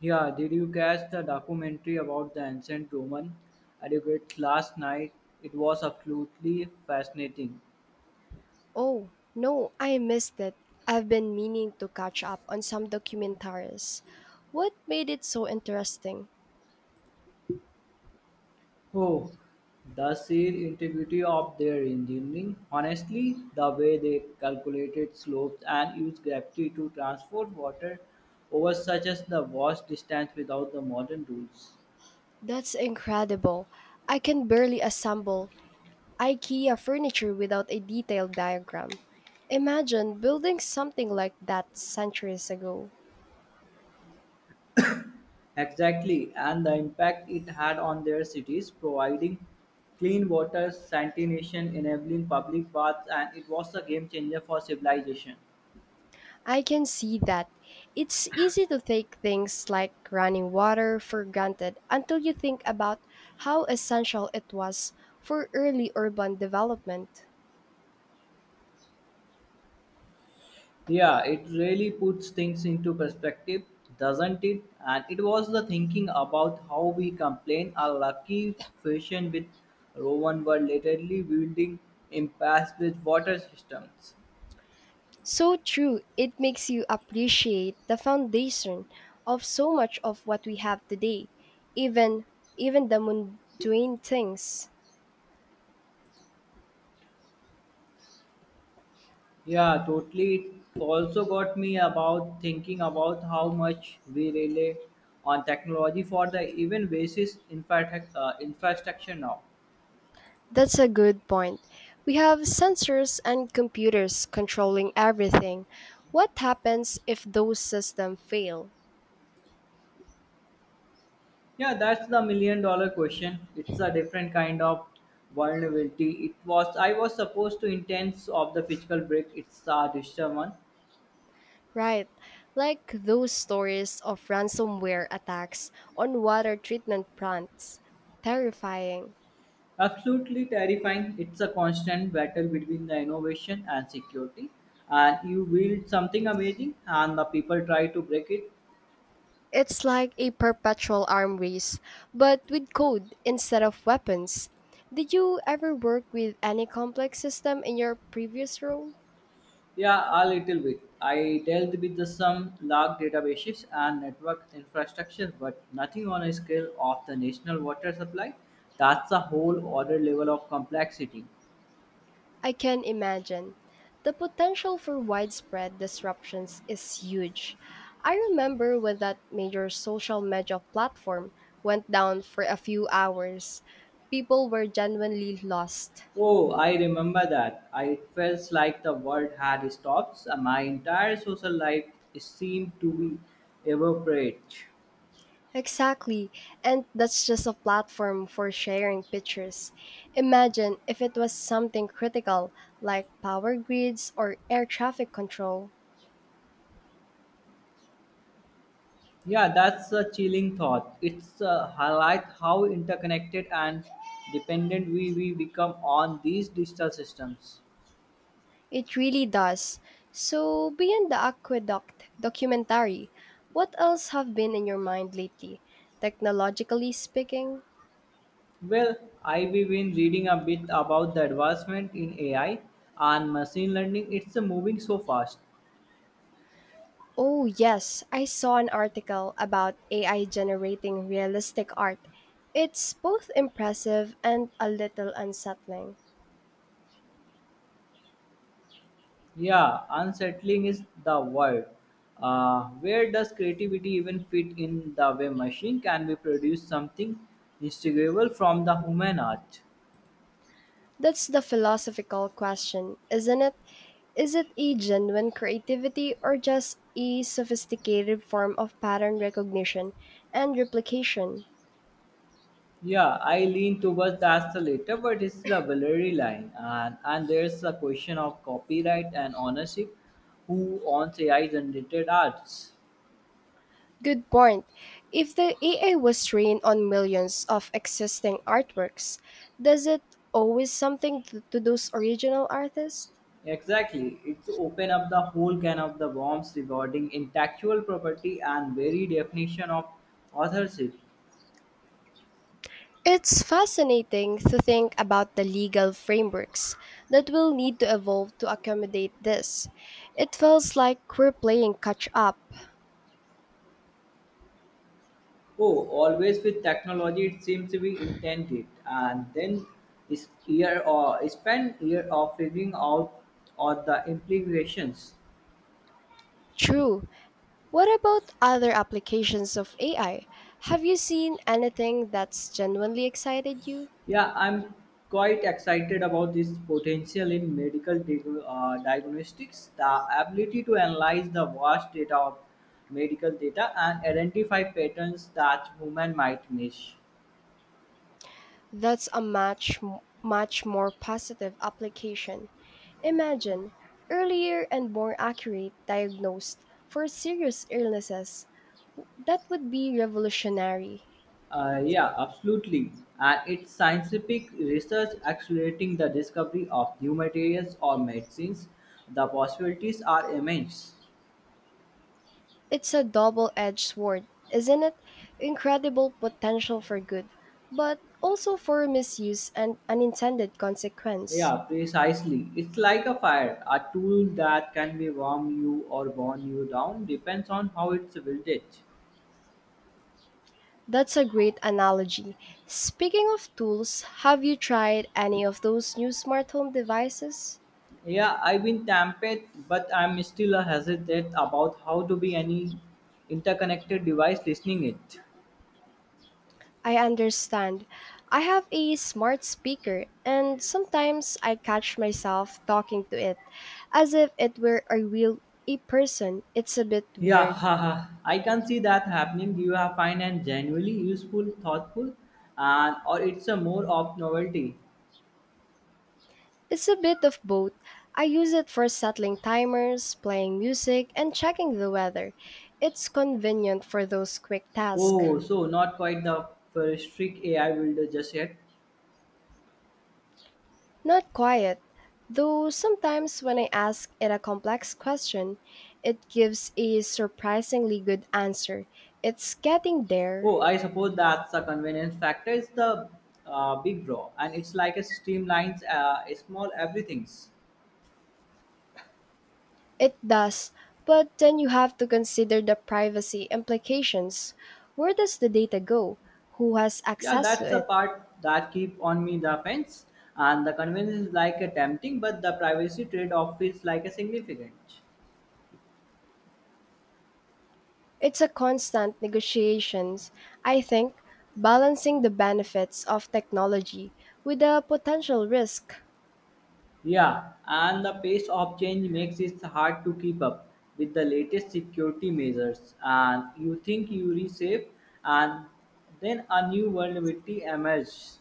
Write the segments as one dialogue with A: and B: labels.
A: Yeah, did you catch the documentary about the ancient Roman adequate last night? It was absolutely fascinating.
B: Oh, no, I missed it. I've been meaning to catch up on some documentaries. What made it so interesting?
A: Oh, the sheer integrity of their engineering. Honestly, the way they calculated slopes and used gravity to transport water over such as the vast distance without the modern rules.
B: That's incredible. I can barely assemble IKEA furniture without a detailed diagram. Imagine building something like that centuries ago.
A: Exactly, and the impact it had on their cities, providing clean water, sanitation, enabling public baths, and it was a game changer for civilization.
B: I can see that. It's easy to take things like running water for granted until you think about how essential it was for early urban development.
A: Yeah, it really puts things into perspective, doesn't it? And it was the thinking about how we complain Our lucky Fashion with Roman were literally building empires with water systems.
B: So true. It makes you appreciate the foundation of so much of what we have today, even even the mundane things.
A: Yeah, totally. It also got me about thinking about how much we rely on technology for the even basis infrastructure now.
B: That's a good point. We have sensors and computers controlling everything. What happens if those systems fail?
A: Yeah, that's the million dollar question. It's a different kind of vulnerability. It was I was supposed to intense of the physical break. It's a digital one.
B: Right. Like those stories of ransomware attacks on water treatment plants. Terrifying.
A: Absolutely terrifying. It's a constant battle between the innovation and security. And you build something amazing, and the people try to break it.
B: It's like a perpetual arm race, but with code instead of weapons. Did you ever work with any complex system in your previous role?
A: Yeah, a little bit. I dealt with the some large databases and network infrastructure, but nothing on a scale of the national water supply. That's a whole other level of complexity.
B: I can imagine. The potential for widespread disruptions is huge. I remember when that major social media platform went down for a few hours. People were genuinely lost.
A: Oh, I remember that. I It felt like the world had stopped. My entire social life seemed to be evaporate.
B: Exactly. And that's just a platform for sharing pictures. Imagine if it was something critical like power grids or air traffic control.
A: Yeah, that's a chilling thought. It's highlight how interconnected and dependent we become on these digital systems.
B: It really does. So, beyond the aqueduct documentary, what else have been in your mind lately, technologically speaking?
A: Well, I've been reading a bit about the advancement in AI and machine learning. It's moving so fast.
B: Oh, yes, I saw an article about AI generating realistic art. It's both impressive and a little unsettling.
A: Yeah, unsettling is the word. Where does creativity even fit in the way machine can be produce something distinguishable from the human art?
B: That's the philosophical question, isn't it? Is it a genuine creativity or just a sophisticated form of pattern recognition and replication?
A: Yeah, I lean towards that's the latter, but it's the blurry line, and there's the question of copyright and ownership. Who owns AI generated arts?
B: Good point. If the AI was trained on millions of existing artworks, does it always something to those original artists?
A: Exactly. It's open up the whole can of the worms regarding intellectual property and very definition of authorship.
B: It's fascinating to think about the legal frameworks that will need to evolve to accommodate this. It feels like we're playing catch up.
A: Oh, always with technology it seems to be intended and then is year or spend year of figuring out or the implications.
B: True. What about other applications of AI? Have you seen anything that's genuinely excited you?
A: Yeah, I'm quite excited about this potential in medical diagnostics. The ability to analyze the vast data of medical data and identify patterns that women might miss.
B: That's a much much more positive application. Imagine earlier and more accurate diagnosed for serious illnesses. That would be revolutionary.
A: Yeah, absolutely. And it's scientific research accelerating the discovery of new materials or medicines. The possibilities are immense.
B: It's a double-edged sword, isn't it? Incredible potential for good, but also for misuse and unintended consequence.
A: Yeah, precisely. It's like a fire. A tool that can be warm you or burn you down depends on how it's wielded.
B: That's a great analogy. Speaking of tools, have you tried any of those new smart home devices?
A: Yeah, I've been tempted, but I'm still a hesitant about how to be any interconnected device listening it.
B: I understand. I have a smart speaker, and sometimes I catch myself talking to it as if it were a person. It's a bit
A: Yeah,
B: weird.
A: haha. I can see that happening. You have find and genuinely useful, thoughtful, and or it's a more of novelty.
B: It's a bit of both. I use it for settling timers, playing music, and checking the weather. It's convenient for those quick tasks.
A: Oh, so not quite the first trick AI builder just yet.
B: Not quiet, though sometimes when I ask it a complex question, it gives a surprisingly good answer. It's getting there.
A: Oh, I suppose that's the convenience factor is the big draw, and it's like a streamlines a small everything's.
B: It does, but then you have to consider the privacy implications. Where does the data go? Who has
A: Yeah,
B: access
A: that's
B: to
A: the
B: it?
A: part that keep on me the fence, and the convenience is like a tempting, but the privacy trade-off is like a significant.
B: It's a constant negotiations, I think, balancing the benefits of technology with the potential risk.
A: Yeah, and the pace of change makes it hard to keep up with the latest security measures. And you think you're safe, and then a new vulnerability emerges.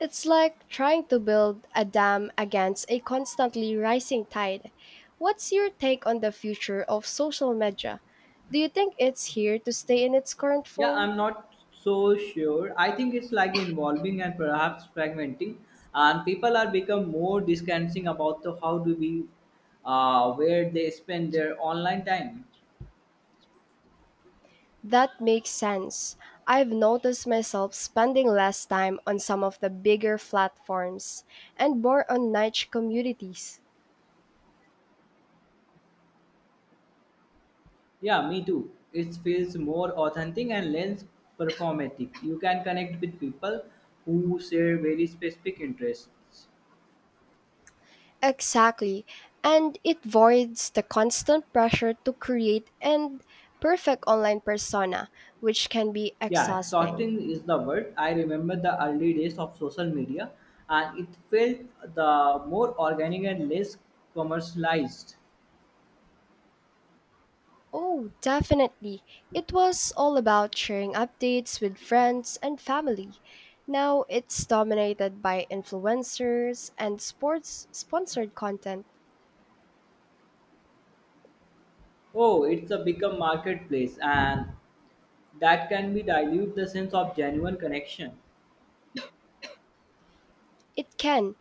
B: It's like trying to build a dam against a constantly rising tide. What's your take on the future of social media? Do you think it's here to stay in its current
A: Yeah,
B: form?
A: I'm not so sure. I think it's like involving and perhaps fragmenting, and people are become more distancing about the how to be, where they spend their online time.
B: That makes sense. I've noticed myself spending less time on some of the bigger platforms and more on niche communities.
A: Yeah, me too. It feels more authentic and less performatic. You can connect with people who share very specific interests.
B: Exactly. And it voids the constant pressure to create an perfect online persona, which can be
A: Yeah,
B: exhausting.
A: exhausting is the word. I remember the early days of social media, and it felt the more organic and less commercialized.
B: Oh, definitely. It was all about sharing updates with friends and family. Now it's dominated by influencers and sports sponsored content.
A: Oh, it's a become marketplace, and that can be dilute the sense of genuine connection.
B: It can.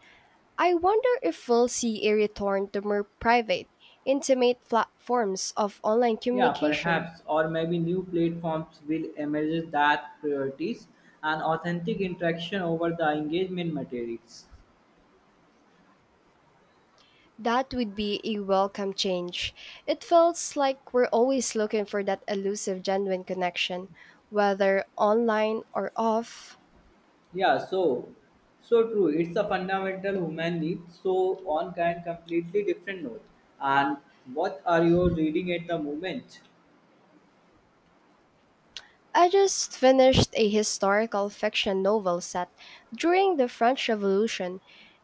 B: I wonder if we'll see a return to more private, intimate forms of online
A: Yeah,
B: communication.
A: perhaps, or maybe new platforms will emerge that priorities and authentic interaction over the engagement materials.
B: That would be a welcome change. It feels like we're always looking for that elusive, genuine connection, whether online or off.
A: Yeah, so true. It's a fundamental human need. So on can completely different note. And what are you reading at the moment?
B: I just finished a historical fiction novel set during the French Revolution.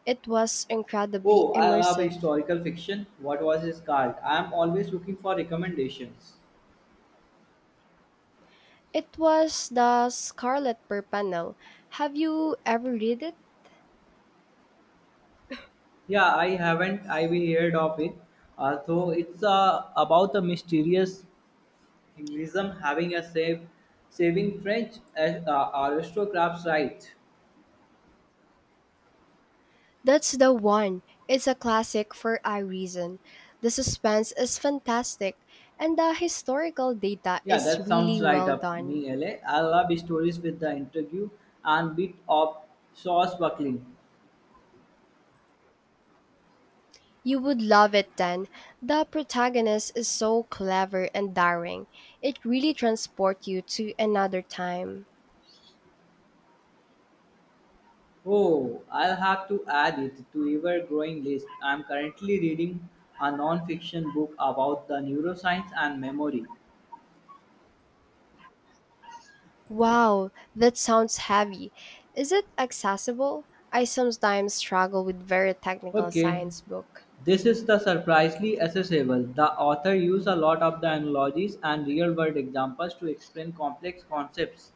B: It was incredibly
A: Oh, I love
B: immersive.
A: historical fiction. What was his called? I am always looking for recommendations.
B: It was The Scarlet Pimpernel. Have you ever read it?
A: Yeah, I haven't. I've heard of it. So it's about a mysterious Englism having a saving French aristocrats right.
B: That's the one. It's a classic for a reason. The suspense is fantastic and the historical data
A: Yeah,
B: is
A: that sounds
B: really
A: right
B: well
A: up
B: done.
A: me, L. A. I love stories with the interview and bit of sauce buckling.
B: You would love it then. The protagonist is so clever and daring. It really transports you to another time.
A: Oh, I'll have to add it to ever-growing list. I'm currently reading a non-fiction book about the neuroscience and memory.
B: Wow, that sounds heavy. Is it accessible? I sometimes struggle with very technical
A: Okay,
B: science book.
A: this is the surprisingly accessible. The author used a lot of the analogies and real-world examples to explain complex concepts.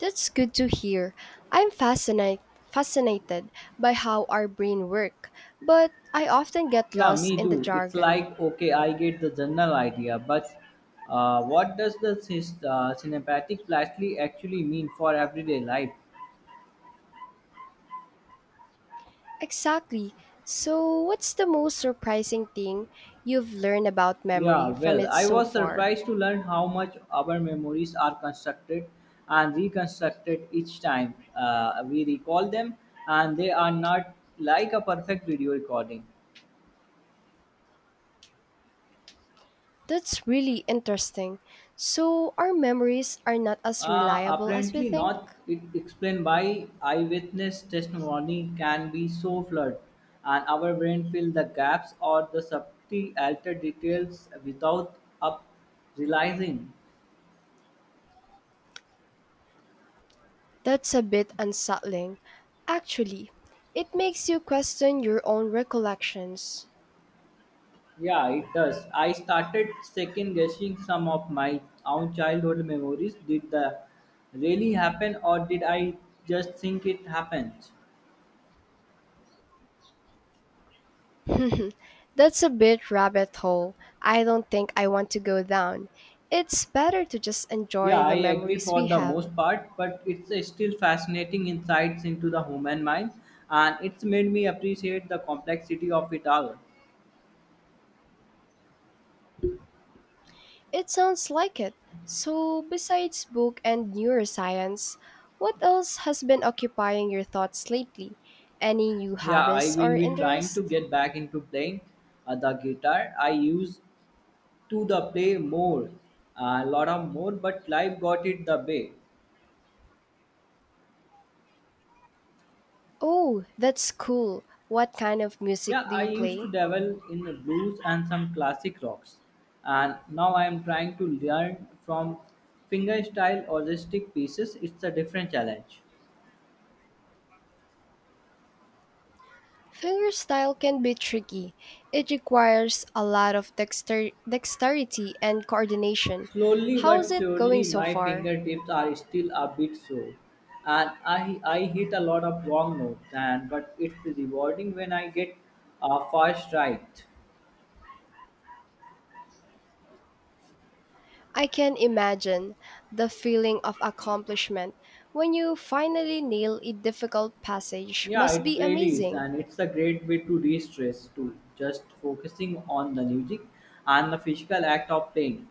B: That's good to hear. I'm fascinated by how our brain work, but I often get
A: Yeah,
B: lost
A: me
B: in the
A: too. It's
B: jargon.
A: like okay, I get the general idea, but what does the cinematic plastically actually mean for everyday life?
B: Exactly. So, what's the most surprising thing you've learned about
A: Yeah,
B: memory from
A: well,
B: it
A: I
B: so
A: was
B: far?
A: surprised to learn how much our memories are constructed and reconstructed each time we recall them, and they are not like a perfect video recording.
B: That's really interesting. So, our memories are not as reliable as we
A: Apparently
B: think?
A: not. It explained why eyewitness testimony can be so flawed, and our brain fill the gaps or the subtly altered details without up realizing.
B: That's a bit unsettling. Actually, it makes you question your own recollections.
A: Yeah, it does. I started second guessing some of my own childhood memories. Did the really happen, or did I just think it happened?
B: That's a bit rabbit hole. I don't think I want to go down. It's better to just enjoy
A: Yeah, I
B: the
A: agree
B: memories
A: for
B: we
A: the
B: have.
A: most part, but it's a still fascinating insights into the human mind, and it's made me appreciate the complexity of it all.
B: It sounds like it. So, besides book and neuroscience, what else has been occupying your thoughts lately? Any new
A: Yeah, I
B: habits
A: will
B: or
A: be trying to
B: interests?
A: get back into playing the guitar. I used to the play more, a lot of more, but life got it the way.
B: Oh, that's cool. What kind of music
A: Yeah,
B: do
A: I
B: you
A: used
B: play?
A: to dabble in the blues and some classic rocks, and now I am trying to learn from fingerstyle or pieces. It's a different challenge.
B: Fingerstyle can be tricky. It requires a lot of dexterity and coordination.
A: Slowly
B: How's
A: but
B: it going
A: surely,
B: so
A: my
B: far?
A: fingertips are still a bit sore, and I hit a lot of wrong notes. And but it's rewarding when I get a first right.
B: I can imagine the feeling of accomplishment when you finally nail a difficult passage
A: Yeah,
B: must
A: it
B: be
A: really is,
B: amazing.
A: and it's a great way to de-stress too. Just focusing on the music and the physical act of playing.